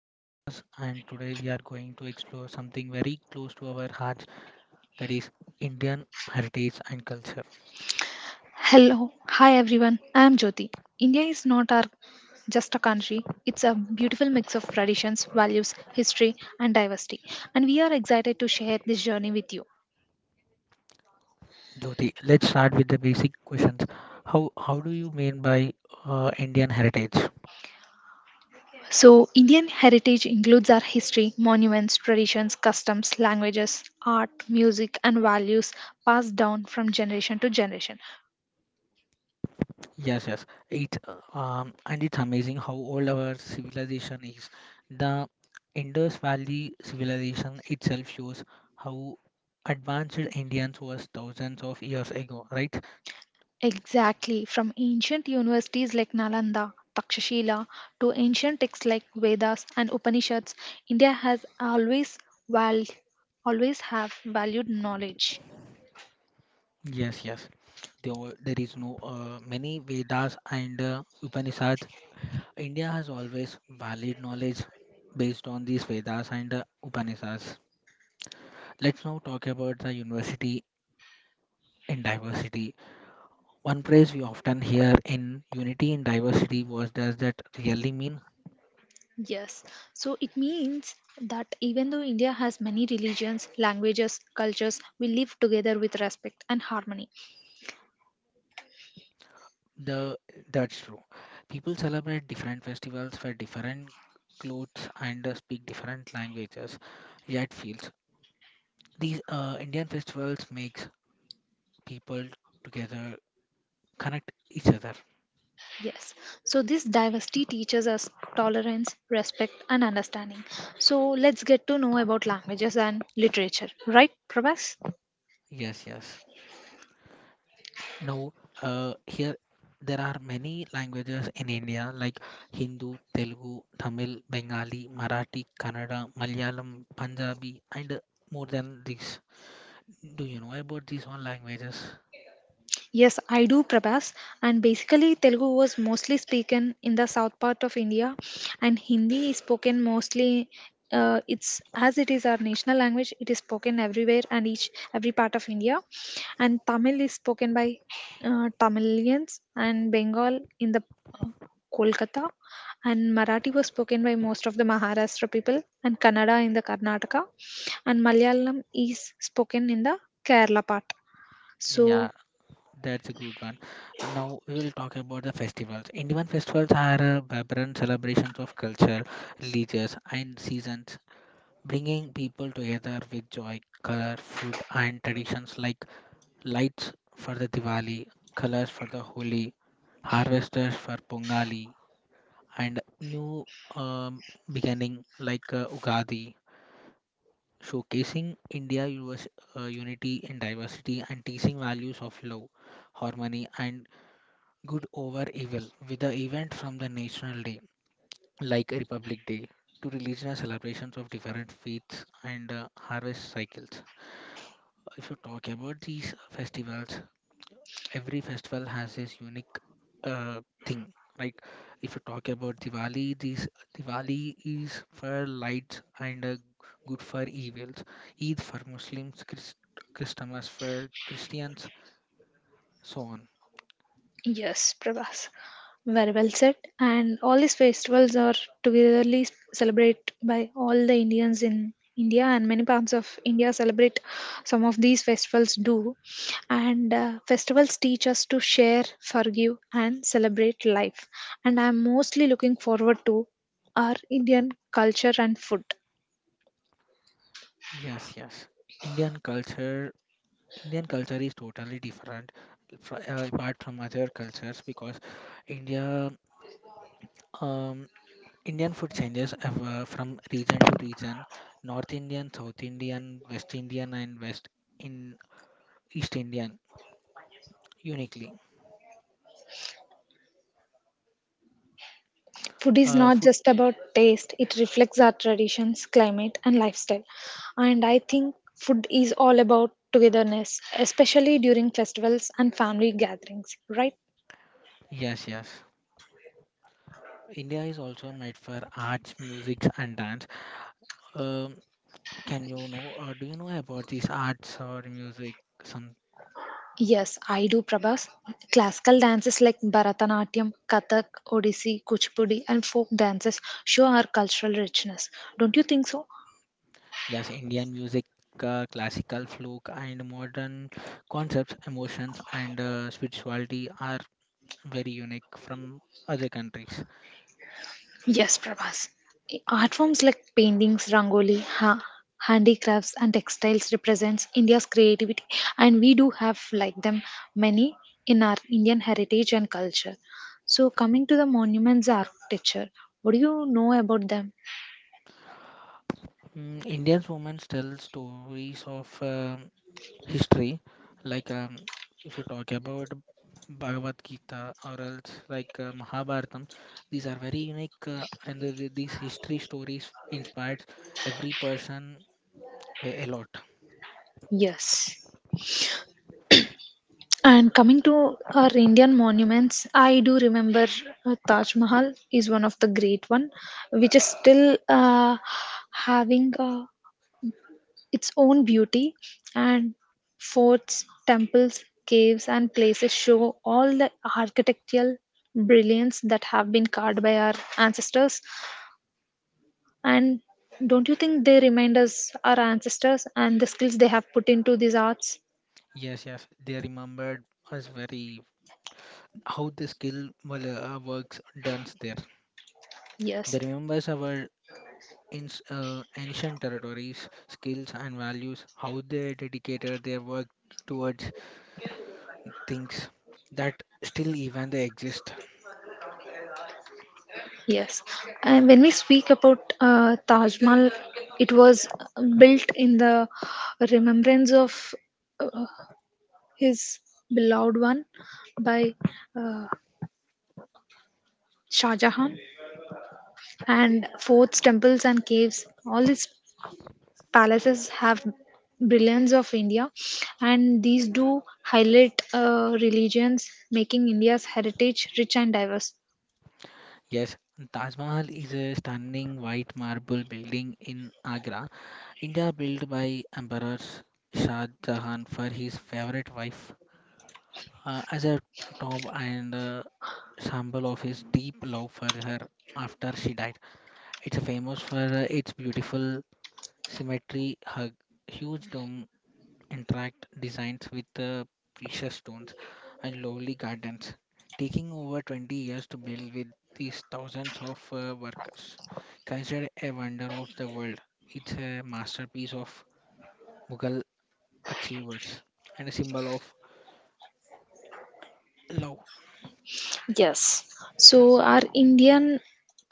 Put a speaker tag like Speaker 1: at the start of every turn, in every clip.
Speaker 1: I am Prabhas and today we are going to explore something very close to our hearts, that is Indian heritage and culture.
Speaker 2: Hello, hi everyone. I am Jyoti. India is not our just a country. It's a beautiful mix of traditions, values, history, and diversity. And we are excited to share this journey with you.
Speaker 1: Jyoti, let's start with the basic questions. How do you mean by Indian heritage?
Speaker 2: So, Indian heritage includes our history, monuments, traditions, customs, languages, art, music, and values passed down from generation to generation.
Speaker 1: Yes, yes. It's amazing how old our civilization is. The Indus Valley civilization itself shows how advanced Indians was thousands of years ago, right?
Speaker 2: Exactly, from ancient universities like Nalanda, Takshashila, to ancient texts like Vedas and Upanishads, India has always val- always have valued knowledge.
Speaker 1: Yes, yes. There is no many Vedas and Upanishads. India has always valid knowledge based on these Vedas and Upanishads. Let's now talk about the university in diversity. One phrase we often hear in unity in diversity was does that really mean?
Speaker 2: Yes, so it means that even though India has many religions, languages, cultures, we live together with respect and harmony.
Speaker 1: The that's true. People celebrate different festivals wear different clothes and speak different languages, yet feels these Indian festivals makes people together connect each other.
Speaker 2: Yes, so this diversity teaches us tolerance, respect, and understanding. So let's get to know about languages and literature, right, Prabhas?
Speaker 1: Yes, yes. Now, here there are many languages in India like Hindu, Telugu, Tamil, Bengali, Marathi, Kannada, Malayalam, Punjabi, and more than this. Do you know about these all languages?
Speaker 2: Yes, I do, Prabhas. And basically, Telugu was mostly spoken in the south part of India, and Hindi is spoken mostly. It's as it is our national language. It is spoken everywhere and each every part of India. And Tamil is spoken by Tamilians and Bengal in the uh, Kolkata, and Marathi was spoken by most of the Maharashtra people, and Kannada in the Karnataka, and Malayalam is spoken in the Kerala part.
Speaker 1: Yeah,
Speaker 2: So
Speaker 1: that's a good one. And now we will talk about the festivals. Indian festivals are vibrant celebrations of culture, religions, and seasons, bringing people together with joy, color, food, and traditions like lights for the Diwali, colors for the Holi, harvesters for Pongali, and new um, beginning like Ugadi, showcasing India US, unity in diversity and teaching values of love, harmony, and good over evil with the event from the National Day like Republic Day to religious celebrations of different faiths and harvest cycles. If you talk about these festivals, every festival has its unique thing. Like if you talk about Diwali, this Diwali is for lights and good for evils. Eid for Muslims, Christmas for Christians, so on.
Speaker 2: yes, Prabhas. Very well said. And all these festivals are togetherly celebrated by all the Indians in India, and many parts of India celebrate some of these festivals do. And festivals teach us to share, forgive, and celebrate life. And I'm mostly looking forward to our Indian culture and food.
Speaker 1: Yes, yes. Indian culture, Indian culture is totally different apart from other cultures because India um, Indian food changes from region to region, North Indian, South Indian, West Indian, and West in East Indian uniquely.
Speaker 2: Food is
Speaker 1: Uh,
Speaker 2: not
Speaker 1: food,
Speaker 2: just about taste, it reflects our traditions, climate, and lifestyle. And I think food is all about togetherness, especially during festivals and family gatherings, right?
Speaker 1: yes, yes. India is also made for arts, music, and dance. Um, do you know about these arts or music? Some,
Speaker 2: Yes, I do, Prabhas. Classical dances like Bharatanatyam, Kathak, Odissi, Kuchipudi, and folk dances show our cultural richness. Don't you think so?
Speaker 1: yes, Indian music, classical, folk, and modern concepts, emotions, and spirituality are very unique from other countries.
Speaker 2: Yes, Prabhas. Art forms like paintings, rangoli, handicrafts, and textiles represents India's creativity, and we do have like them many in our Indian heritage and culture. So, coming to the monuments architecture, what do you know about them?
Speaker 1: Indian women tell stories of history, like if you talk about Bhagavad Gita or else like Mahabharatam, these are very unique and these history stories inspired every person a lot.
Speaker 2: Yes. And coming to our Indian monuments, I do remember Taj Mahal is one of the great one, which is still having a its own beauty and forts, temples, caves and places show all the architectural brilliance that have been carved by our ancestors, and don't you think they remind us our ancestors and the skills they have put into these arts?
Speaker 1: Yes, yes, they remembered us very how the skill well, works done there.
Speaker 2: Yes.
Speaker 1: They remembers our ins ancient territories, skills and values, how they dedicated their work towards things that still even they exist.
Speaker 2: Yes, and when we speak about Taj Mahal, it was built in the remembrance of uh, his beloved one by uh, Shah Jahan, and forts, temples, and caves. All these palaces have brilliance of India, and these do highlight religions, making India's heritage rich and diverse.
Speaker 1: Yes, Taj Mahal is a stunning white marble building in Agra, India, built by Emperor Shah Jahan for his favorite wife as a tomb and symbol of his deep love for her after she died. It's famous for its beautiful symmetry, huge dome interact designs with the precious stones and lovely gardens, taking over 20 years to build with these thousands of workers. Considered a wonder of the world, it's a masterpiece of Mughal achievers and a symbol of love.
Speaker 2: Yes. So, our Indian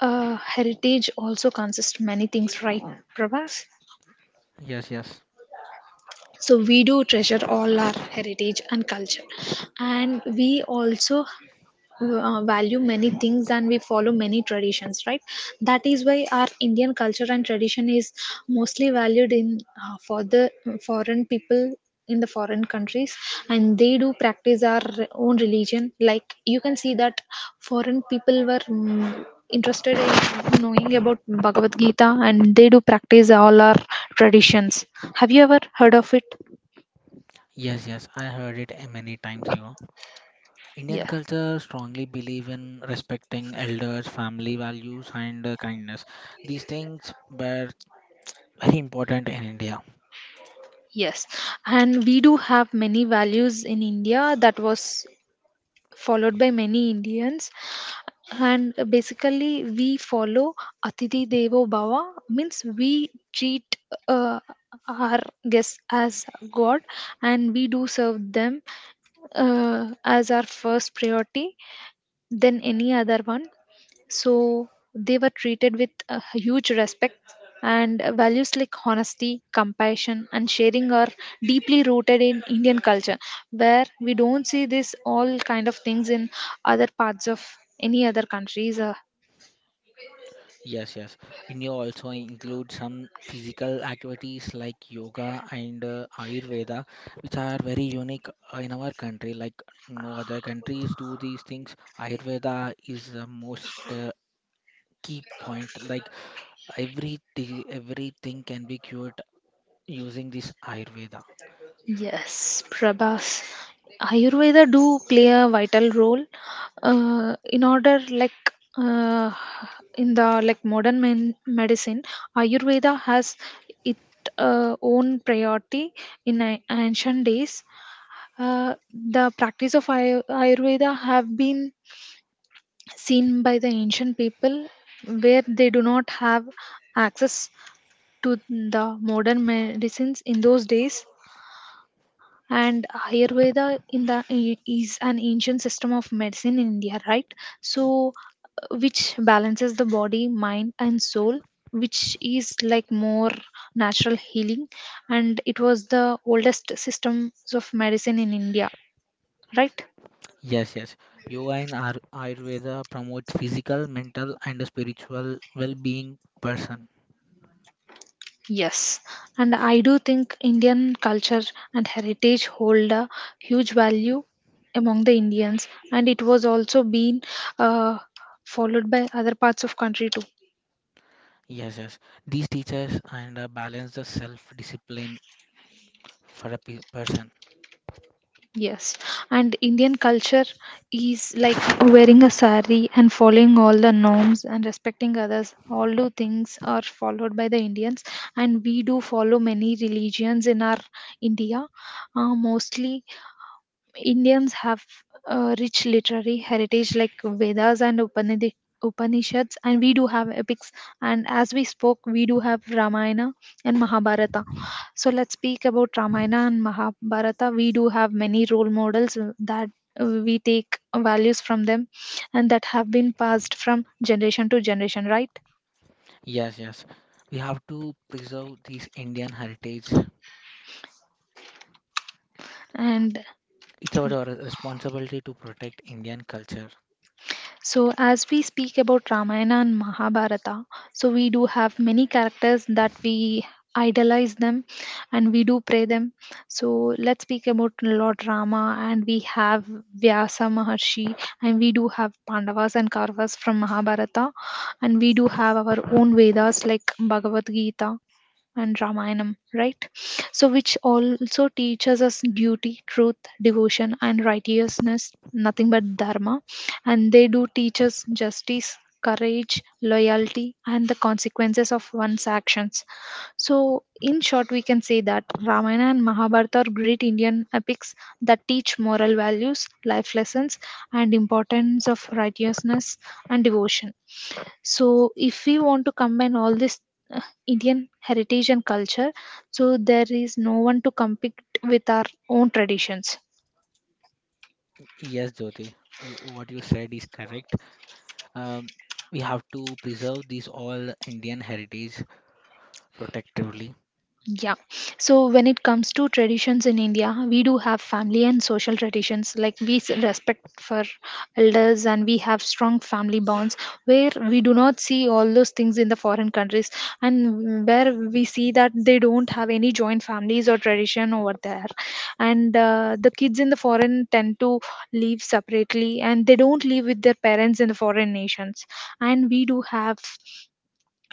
Speaker 2: heritage also consists many things, right, Prabhas?
Speaker 1: Yes, yes.
Speaker 2: So, we do treasure all our heritage and culture, and we also value many things and we follow many traditions, right? That is why our Indian culture and tradition is mostly valued in for the foreign people in the foreign countries, and they do practice our own religion. Like you can see that foreign people were interested in knowing about Bhagavad Gita, and they do practice all our traditions. Have you ever heard of it?
Speaker 1: Yes, yes, I heard it many times ago. Indian
Speaker 2: Yeah.
Speaker 1: culture strongly believe in respecting elders, family values, and kindness. These things were very important in India.
Speaker 2: Yes, and we do have many values in India that was followed by many Indians. And basically, we follow Atiti Devo Bhava, means we treat uh, our guests as God, and we do serve them as our first priority than any other one. So, they were treated with a huge respect, and values like honesty, compassion, and sharing are deeply rooted in Indian culture, where we don't see this all kind of things in other parts of any other countries.
Speaker 1: Yes, yes. And you also include some physical activities like yoga and Ayurveda, which are very unique in our country. Like no other countries do these things. Ayurveda is the most key point. Like everything can be cured using this Ayurveda.
Speaker 2: Yes, Prabhas. Ayurveda do play a vital role in order like uh, in the like modern medicine. Ayurveda has its own priority in ancient days. The practice of Ayurveda have been seen by the ancient people where they do not have access to the modern medicines in those days. And Ayurveda in the is an ancient system of medicine in India, right? So, which balances the body, mind and soul, which is like more natural healing, and it was the oldest systems of medicine in India, right?
Speaker 1: Yes, yes. Yoga and Ayurveda promote physical, mental, and spiritual well-being person.
Speaker 2: Yes, and I do think Indian culture and heritage hold a huge value among the Indians, and it was also been uh, followed by other parts of country too.
Speaker 1: Yes, yes. These teachers and balance the self-discipline for a pe person.
Speaker 2: Yes, and Indian culture is like wearing a sari and following all the norms and respecting others. All do things are followed by the Indians, and we do follow many religions in our India. Mostly Indians have a rich literary heritage like Vedas and Upanishads, and we do have epics. And as we spoke, we do have Ramayana and Mahabharata. So let's speak about Ramayana and Mahabharata. We do have many role models that we take values from them and that have been passed from generation to generation, right?
Speaker 1: Yes, yes. We have to preserve this Indian heritage.
Speaker 2: And
Speaker 1: It's our responsibility to protect Indian culture.
Speaker 2: so, as we speak about Ramayana and Mahabharata, so we do have many characters that we idolize them and we do pray them. So, let's speak about Lord Rama, and we have Vyasa Maharshi, and we do have Pandavas and Kauravas from Mahabharata, and we do have our own Vedas like Bhagavad Gita and Ramayana, right? So, which also teaches us duty, truth, devotion, and righteousness, nothing but Dharma. And they do teach us justice, courage, loyalty, and the consequences of one's actions. So, in short, we can say that Ramayana and Mahabharata are great Indian epics that teach moral values, life lessons, and importance of righteousness and devotion. So if we want to combine all this uh, Indian heritage and culture, so there is no one to compete with our own traditions.
Speaker 1: Yes, Jyoti, you, what you said is correct. Um, we have to preserve these all Indian heritage protectively.
Speaker 2: Yeah. So when it comes to traditions in India, we do have family and social traditions. Like we respect for elders and we have strong family bonds, where we do not see all those things in the foreign countries, and where we see that they don't have any joint families or tradition over there. And the kids in the foreign tend to live separately and they don't live with their parents in the foreign nations. And we do have,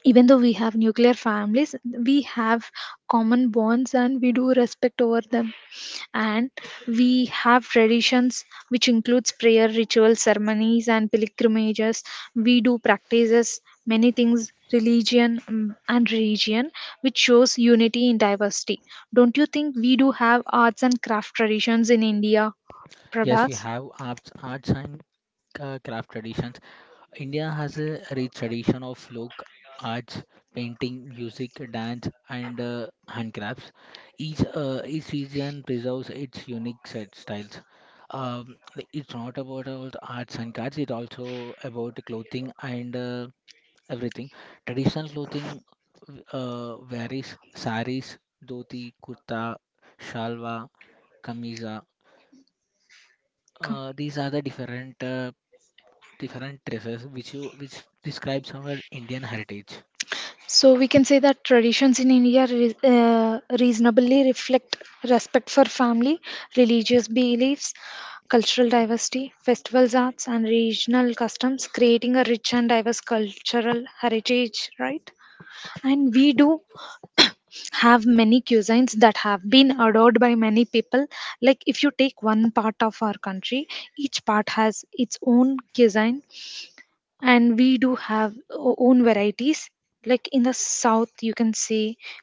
Speaker 2: even though we have nuclear families, we have common bonds and we do respect over them. And we have traditions which includes prayer rituals, ceremonies and pilgrimages. We do practices many things religion and religion, which shows unity in diversity. Don't you think we do have arts and craft traditions in India,
Speaker 1: Yes, we
Speaker 2: Prabhas?
Speaker 1: have arts and craft traditions. India has a rich tradition of folk arts, painting, music, dance, and handcrafts. Each region preserves its unique set styles. Like, it's not about all the arts and crafts; it's also about clothing and everything. Traditional clothing varies: saris, dhoti, kurta, shalwa, kamisa. These are the different different dresses which you which describes our Indian heritage.
Speaker 2: So we can say that traditions in India reasonably reflect respect for family, religious beliefs, cultural diversity, festivals, arts, and regional customs, creating a rich and diverse cultural heritage, right? And we do have many cuisines that have been adored by many people. Like if you take one part of our country, each part has its own cuisine, and we do have own varieties. Like in the south you can say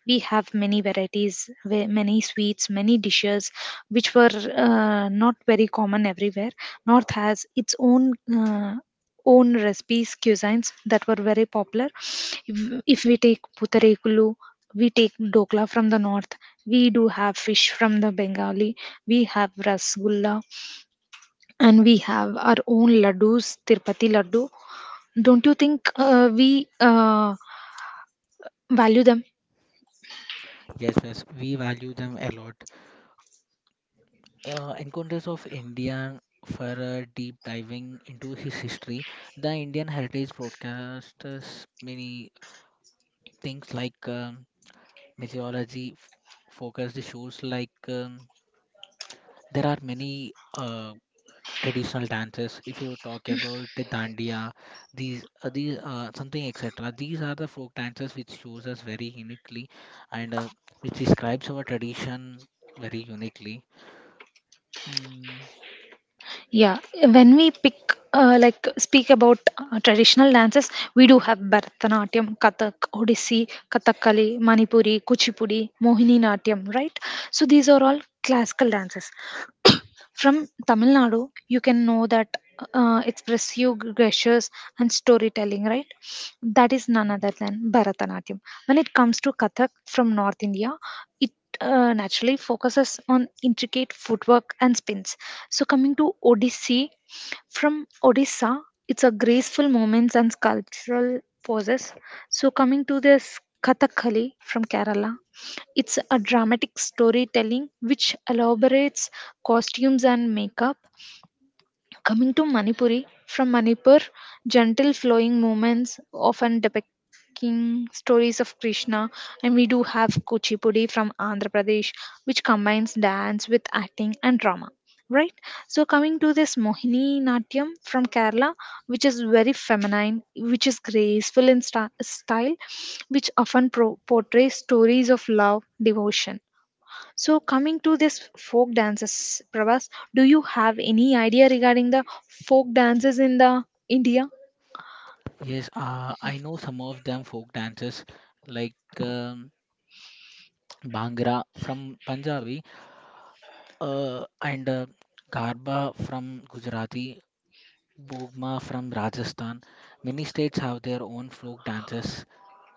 Speaker 2: we have many varieties, many sweets, many dishes which were not very common everywhere. North has its own own recipes, cuisines that were very popular. if if we take putarekulu, we take dokla from the north, we do have fish from the Bengali, we have rasgulla, and we have our own laddus, Tirupati laddu. Don't you think we value them?
Speaker 1: Yes, yes, we value them a lot. Encounters of India for a deep diving into his history. The Indian Heritage broadcasts many things like meteorology focused shows like there are many traditional dances if you talk about the dandiya these something etc these are the folk dances which shows us very uniquely and which describes our tradition very uniquely mm,
Speaker 2: Yeah. When we pick like speak about traditional dances, we do have Bharatanatyam, Kathak, Odissi, Kathakali, Manipuri, Kuchipudi, Mohini Natyam, right? So these are all classical dances. From Tamil Nadu, you can know that expressive gestures and storytelling, right? That is none other than Bharatanatyam. When it comes to Kathak from North India, it naturally focuses on intricate footwork and spins. So, coming to Odissi, from Odisha, it's a graceful movements and sculptural poses. So coming to this Kathakali from Kerala, it's a dramatic storytelling which elaborates costumes and makeup. Coming to Manipuri, from Manipur, gentle flowing movements often depicting stories of Krishna, and we do have Kuchipudi from Andhra Pradesh, which combines dance with acting and drama. Right? So, coming to this Mohini Natyam from Kerala, which is very feminine, which is graceful in style, which often portrays stories of love, devotion. So, coming to this folk dances, Prabhas, do you have any idea regarding the folk dances in the India?
Speaker 1: yes I know some of them folk dances like bhangra from Punjabi uh, and garba from Gujarati bogma from Rajasthan. Many states have their own folk dances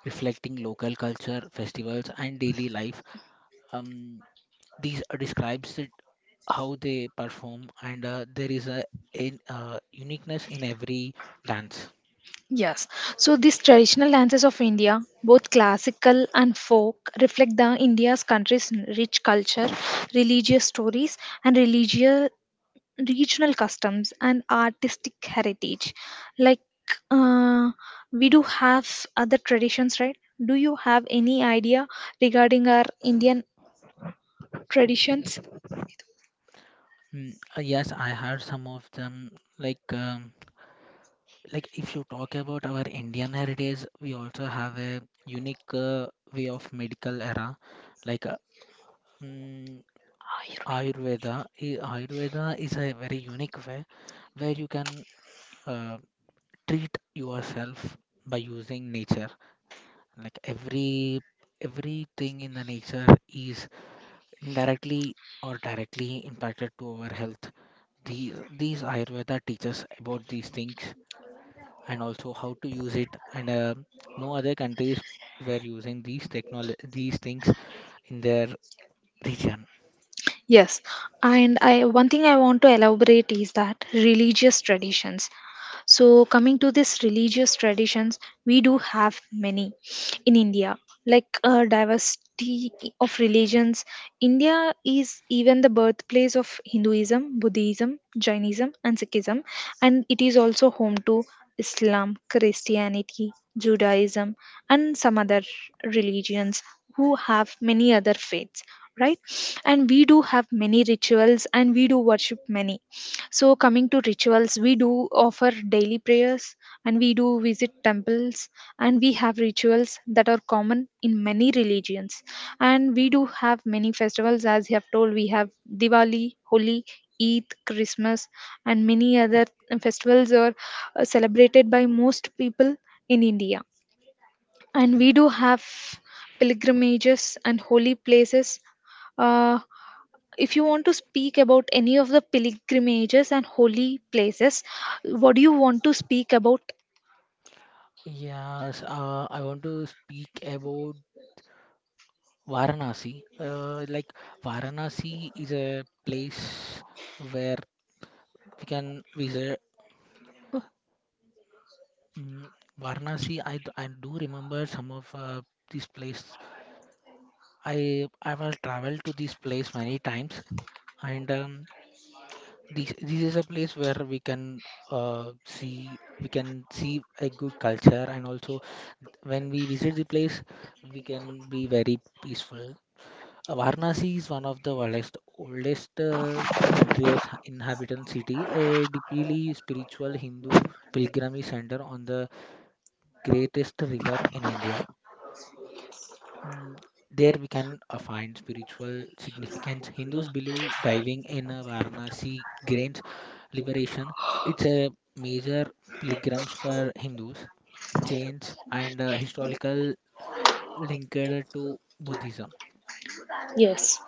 Speaker 1: reflecting local culture, festivals, and daily life. Um, these describes it how they perform, and there is a uniqueness in every dance.
Speaker 2: Yes. So, these traditional dances of India, both classical and folk, reflect the India's country's rich culture, religious stories, and religious regional customs and artistic heritage. Like uh, we do have other traditions, right? Do you have any idea regarding our Indian traditions?
Speaker 1: Yes, I heard some of them. Like, um, like if you talk about our Indian heritage, we also have a unique way of medical era, like. Mm, Ayurveda, Ayurveda is a very unique way where you can uh, treat yourself by using nature like everything in the nature is indirectly or directly impacted to our health. These these ayurveda teaches about these things and also how to use it and no other countries were using these things in their region.
Speaker 2: Yes, and I one thing I want to elaborate is that religious traditions. So coming to this religious traditions, we do have many in India, like a diversity of religions. India is even the birthplace of Hinduism, Buddhism, Jainism, and Sikhism, and it is also home to Islam, Christianity, Judaism, and some other religions who have many other faiths, right? And we do have many rituals and we do worship many. So coming to rituals, we do offer daily prayers and we do visit temples, and we have rituals that are common in many religions. And we do have many festivals. As you have told, we have Diwali, Holi, Eid, Christmas, and many other festivals are celebrated by most people in India. And we do have pilgrimages and holy places. uh, if you want to speak about any of the pilgrimages and holy places, what do you want to speak about?
Speaker 1: Yes, I want to speak about Varanasi, like Varanasi is a place where we can visit. mm, Varanasi. I do remember some of these places. I have traveled to this place many times, and this is a place where we can see we can see a good culture, and also when we visit the place, we can be very peaceful. Varanasi is one of the oldest country's inhabitant city, a deeply spiritual Hindu pilgrimage center on the greatest river in India. Mm, There we can find spiritual significance. Hindus believe diving in Varanasi gains liberation. It's a major pilgrims for Hindus, Jains, and historical linked to Buddhism.
Speaker 2: Yes.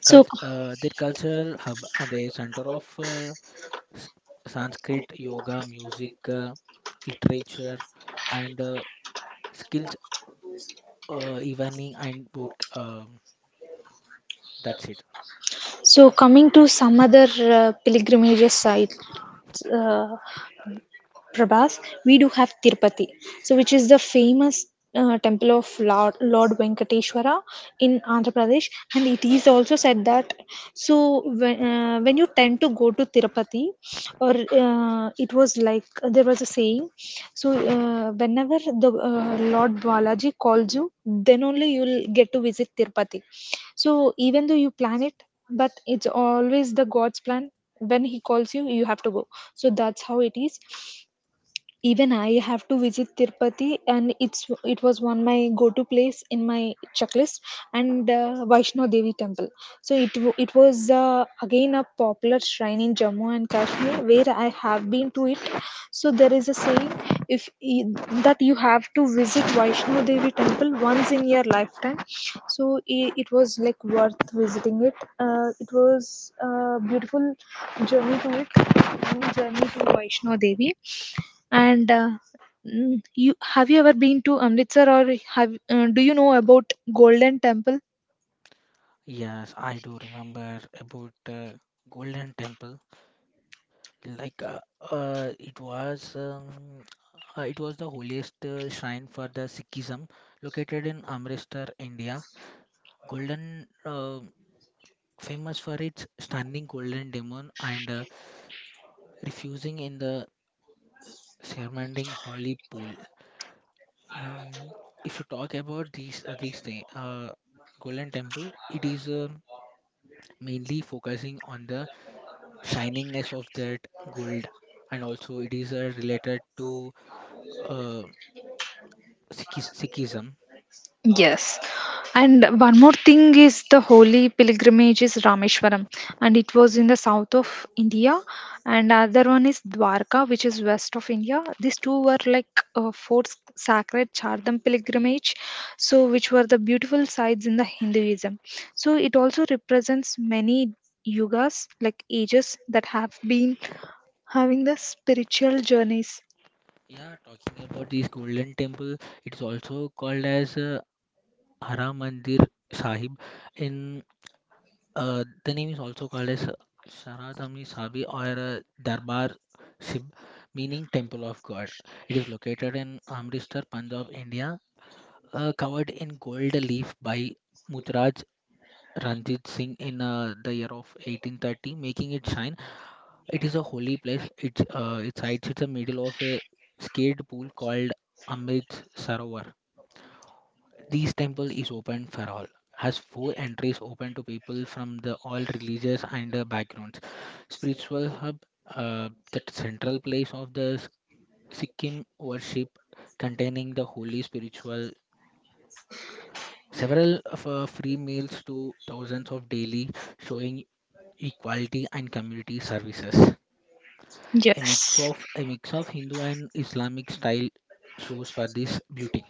Speaker 2: So,
Speaker 1: Their cultural hub, the center of S- Sanskrit, yoga, music, literature, and skills, evening and book. That's it.
Speaker 2: So coming to some other pilgrimage sites, uh, Prabhas, we do have Tirupati, so which is the famous temple of Lord Venkateshwara in Andhra Pradesh, and it is also said that. So when you tend to go to Tirupati, or it was like there was a saying. So whenever the Lord Balaji calls you, then only you'll get to visit Tirupati. So even though you plan it, but it's always the God's plan. When He calls you, you have to go. So that's how it is. Even I have to visit Tirupati, and it's it was one my go to place in my checklist. And Vaishno Devi temple, so it was again a popular shrine in Jammu and Kashmir where I have been to it. So there is a saying, if y- that you have to visit Vaishno Devi temple once in your lifetime. So it was like worth visiting it. Uh, it was a beautiful journey to it, long journey to Vaishno Devi. And you have you ever been to Amritsar, or have do you know about Golden Temple?
Speaker 1: Yes, I do remember about Golden Temple. Like uh, it was um, it was the holiest shrine for the Sikhism, located in Amritsar, India. Golden Famous for its standing golden demon and refusing in the surrounding holy pool. Um, if you talk about these thing, Golden Temple, it is mainly focusing on the shiningness of that gold and also it is related to uh, Sikhism.
Speaker 2: Yes. And one more thing is the holy pilgrimage is Rameshwaram, and it was in the south of India, and other one is Dwarka, which is west of India. These two were like four sacred Chardham
Speaker 1: Ye-
Speaker 2: pilgrimage, so which were the beautiful sites in the Hinduism. So it also represents many yugas, like ages that have been having the spiritual journeys.
Speaker 1: Yeah, talking about this Golden Temple, it is also called as Hara Mandir Sahib. In The name is also called as Sharadhami Sabi or Darbar Sib, meaning temple of God. It is located in Amritsar, Punjab, India, covered in gold leaf by Mutraj Ranjit Singh in the year of 1830, making it shine. It is a holy place. It hides in the middle of a skate pool called Amrit Sarovar. This temple is open for all. Has four entries open to people from the all religious and backgrounds. Spiritual hub, the central place of the Sikkim worship, containing the holy spiritual. Several of free meals to thousands of daily, showing equality and community services.
Speaker 2: Yes.
Speaker 1: A mix of Hindu and Islamic style shows for this beauty.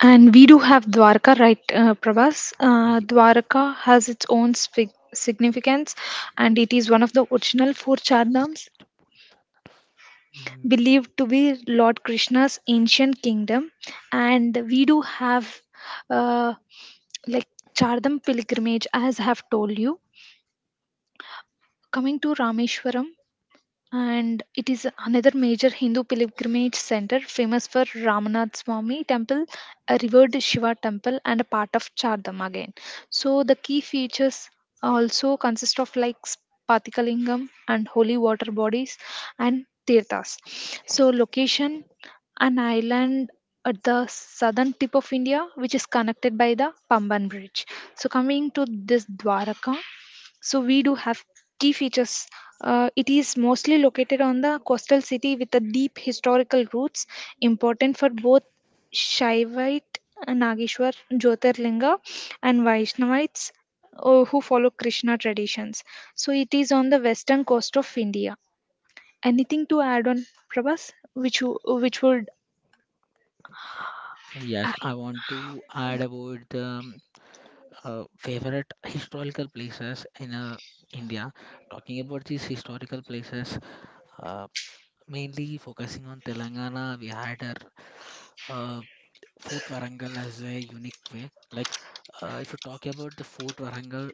Speaker 2: And we do have Dwarka, right, Prabhas?
Speaker 1: Ye-
Speaker 2: Dwarka has its own significance, and it is one of the original four Chardhams,
Speaker 1: mm,
Speaker 2: believed to be Lord Krishna's ancient kingdom. And we do have. Uh, like Chardham pilgrimage, as I have told you. Coming to Rameshwaram, and it is another major Hindu pilgrimage center famous for Ramanath Swami temple, a revered Shiva temple, and a part of Chardham again. So the key features also consist of like Spatikalingam and holy water bodies and tirthas. So location, an island at the southern tip of India, which is connected by the Pamban Bridge. So coming to this Dwaraka. So we do have tea features. It is mostly located on the coastal city with a deep historical roots, important for both Shaivite Nageshwar Jyotirlinga and Vaishnavites who follow Krishna traditions. So it is on the western coast of India. Anything to add on, Prabhas, which you, which would.
Speaker 1: Yes, I want to add about the favorite historical places in India. Talking about these historical places, uh, mainly focusing on Telangana, we had our Fort Warangal as a unique way. Like if you talk about the Fort Warangal,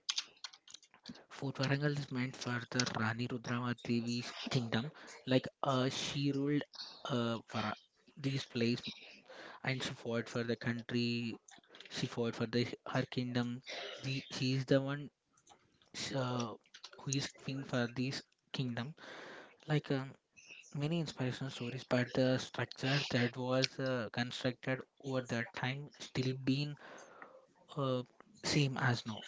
Speaker 1: Fort Warangal is meant for the Rani Rudramati Devi's kingdom. Like she ruled uh, Vara, these place and she fought for the country. She fought for the her kingdom. The She is the one sh- uh, who is king for this kingdom. Like many inspirational stories, but the structure that was constructed over that time still been uh, same as now.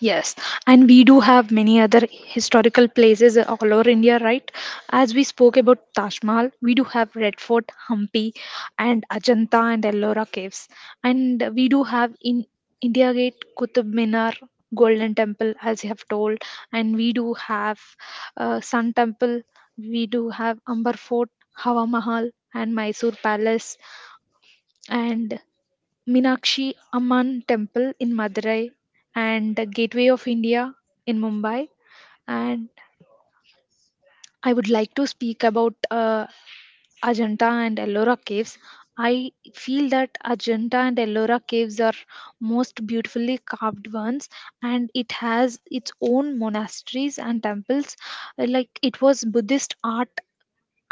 Speaker 2: Yes, and we do have many other historical places all over India, right? As we spoke about Taj Mahal, we do have Red Fort, Hampi, and Ajanta and Ellora caves, and we do have in India Gate, Qutub Minar, Golden Temple, as you have told, and we do have Sun Temple, we do have Amber Fort, Hawa Mahal, and Mysore Palace, and Meenakshi Amman Temple in Madurai and the Gateway of India in Mumbai. And I would like to speak about Ajanta and Ellora caves. I feel that Ajanta and Ellora caves are most beautifully carved ones, and it has its own monasteries and temples. Like it was Buddhist art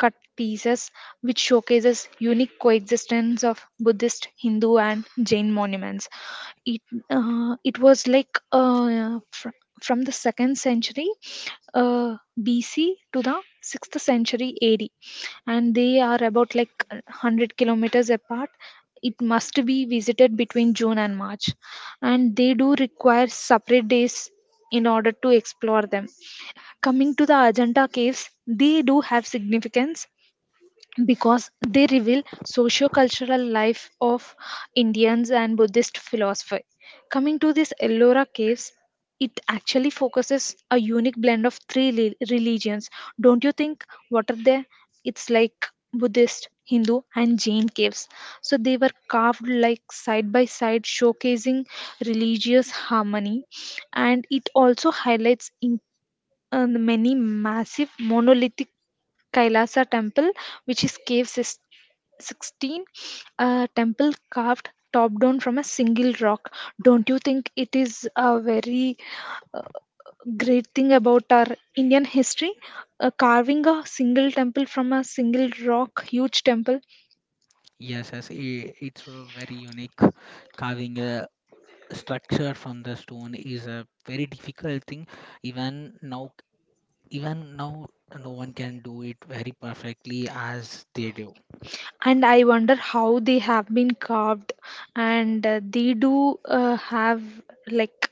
Speaker 2: cut pieces which showcases unique coexistence of Buddhist, Hindu, and Jain monuments. It it was like from the second century BC to the sixth century AD, and they are about like 100 kilometers apart. It must be visited between June and March, and they do require separate days in order to explore them. Coming to the Ajanta caves, they do have significance because they reveal socio-cultural life of Indians and Buddhist philosophy. Coming to this Ellora caves, it actually focuses a unique blend of three religions. Don't you think? What are they? It's like Buddhist, Hindu, and Jain caves. So they were carved like side by side, showcasing religious harmony, and it also highlights in, many massive monolithic Kailasa Temple, which is cave 16, a temple carved top down from a single rock. Don't you think it is a very great thing about our Indian history? Carving a single temple from a single rock, huge temple.
Speaker 1: Yes, as it's a very unique carving a structure from the stone is a very difficult thing even now even now no one can do it very perfectly as they do.
Speaker 2: And I wonder how they have been carved. And they do have like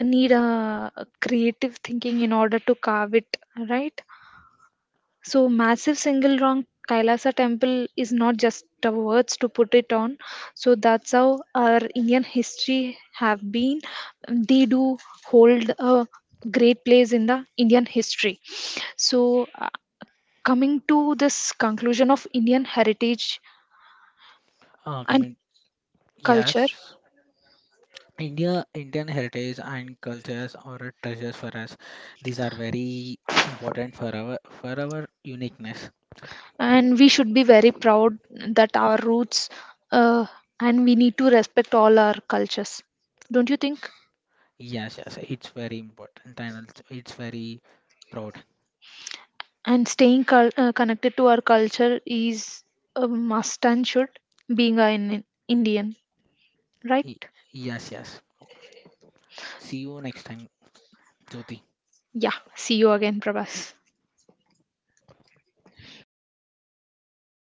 Speaker 2: need a creative thinking in order to carve it, right? So massive single rock Kailasa temple is not just the words to put it on. So that's how our Indian history have been. They do hold a great place in the Indian history. So coming to this conclusion of Indian heritage and
Speaker 1: Coming
Speaker 2: culture,
Speaker 1: Yes, India Indian heritage and cultures are treasures for us. These are very important for our uniqueness.
Speaker 2: and we should be very proud that our roots, uh, and we need to respect all our cultures. Don't you think?
Speaker 1: Yes, yes, it's very important and it's very proud.
Speaker 2: And staying connected to our culture is a must and should being an Indian, right?
Speaker 1: Y- yes, yes, see you next time, Jyoti.
Speaker 2: Yeah, see you again, Prabhas.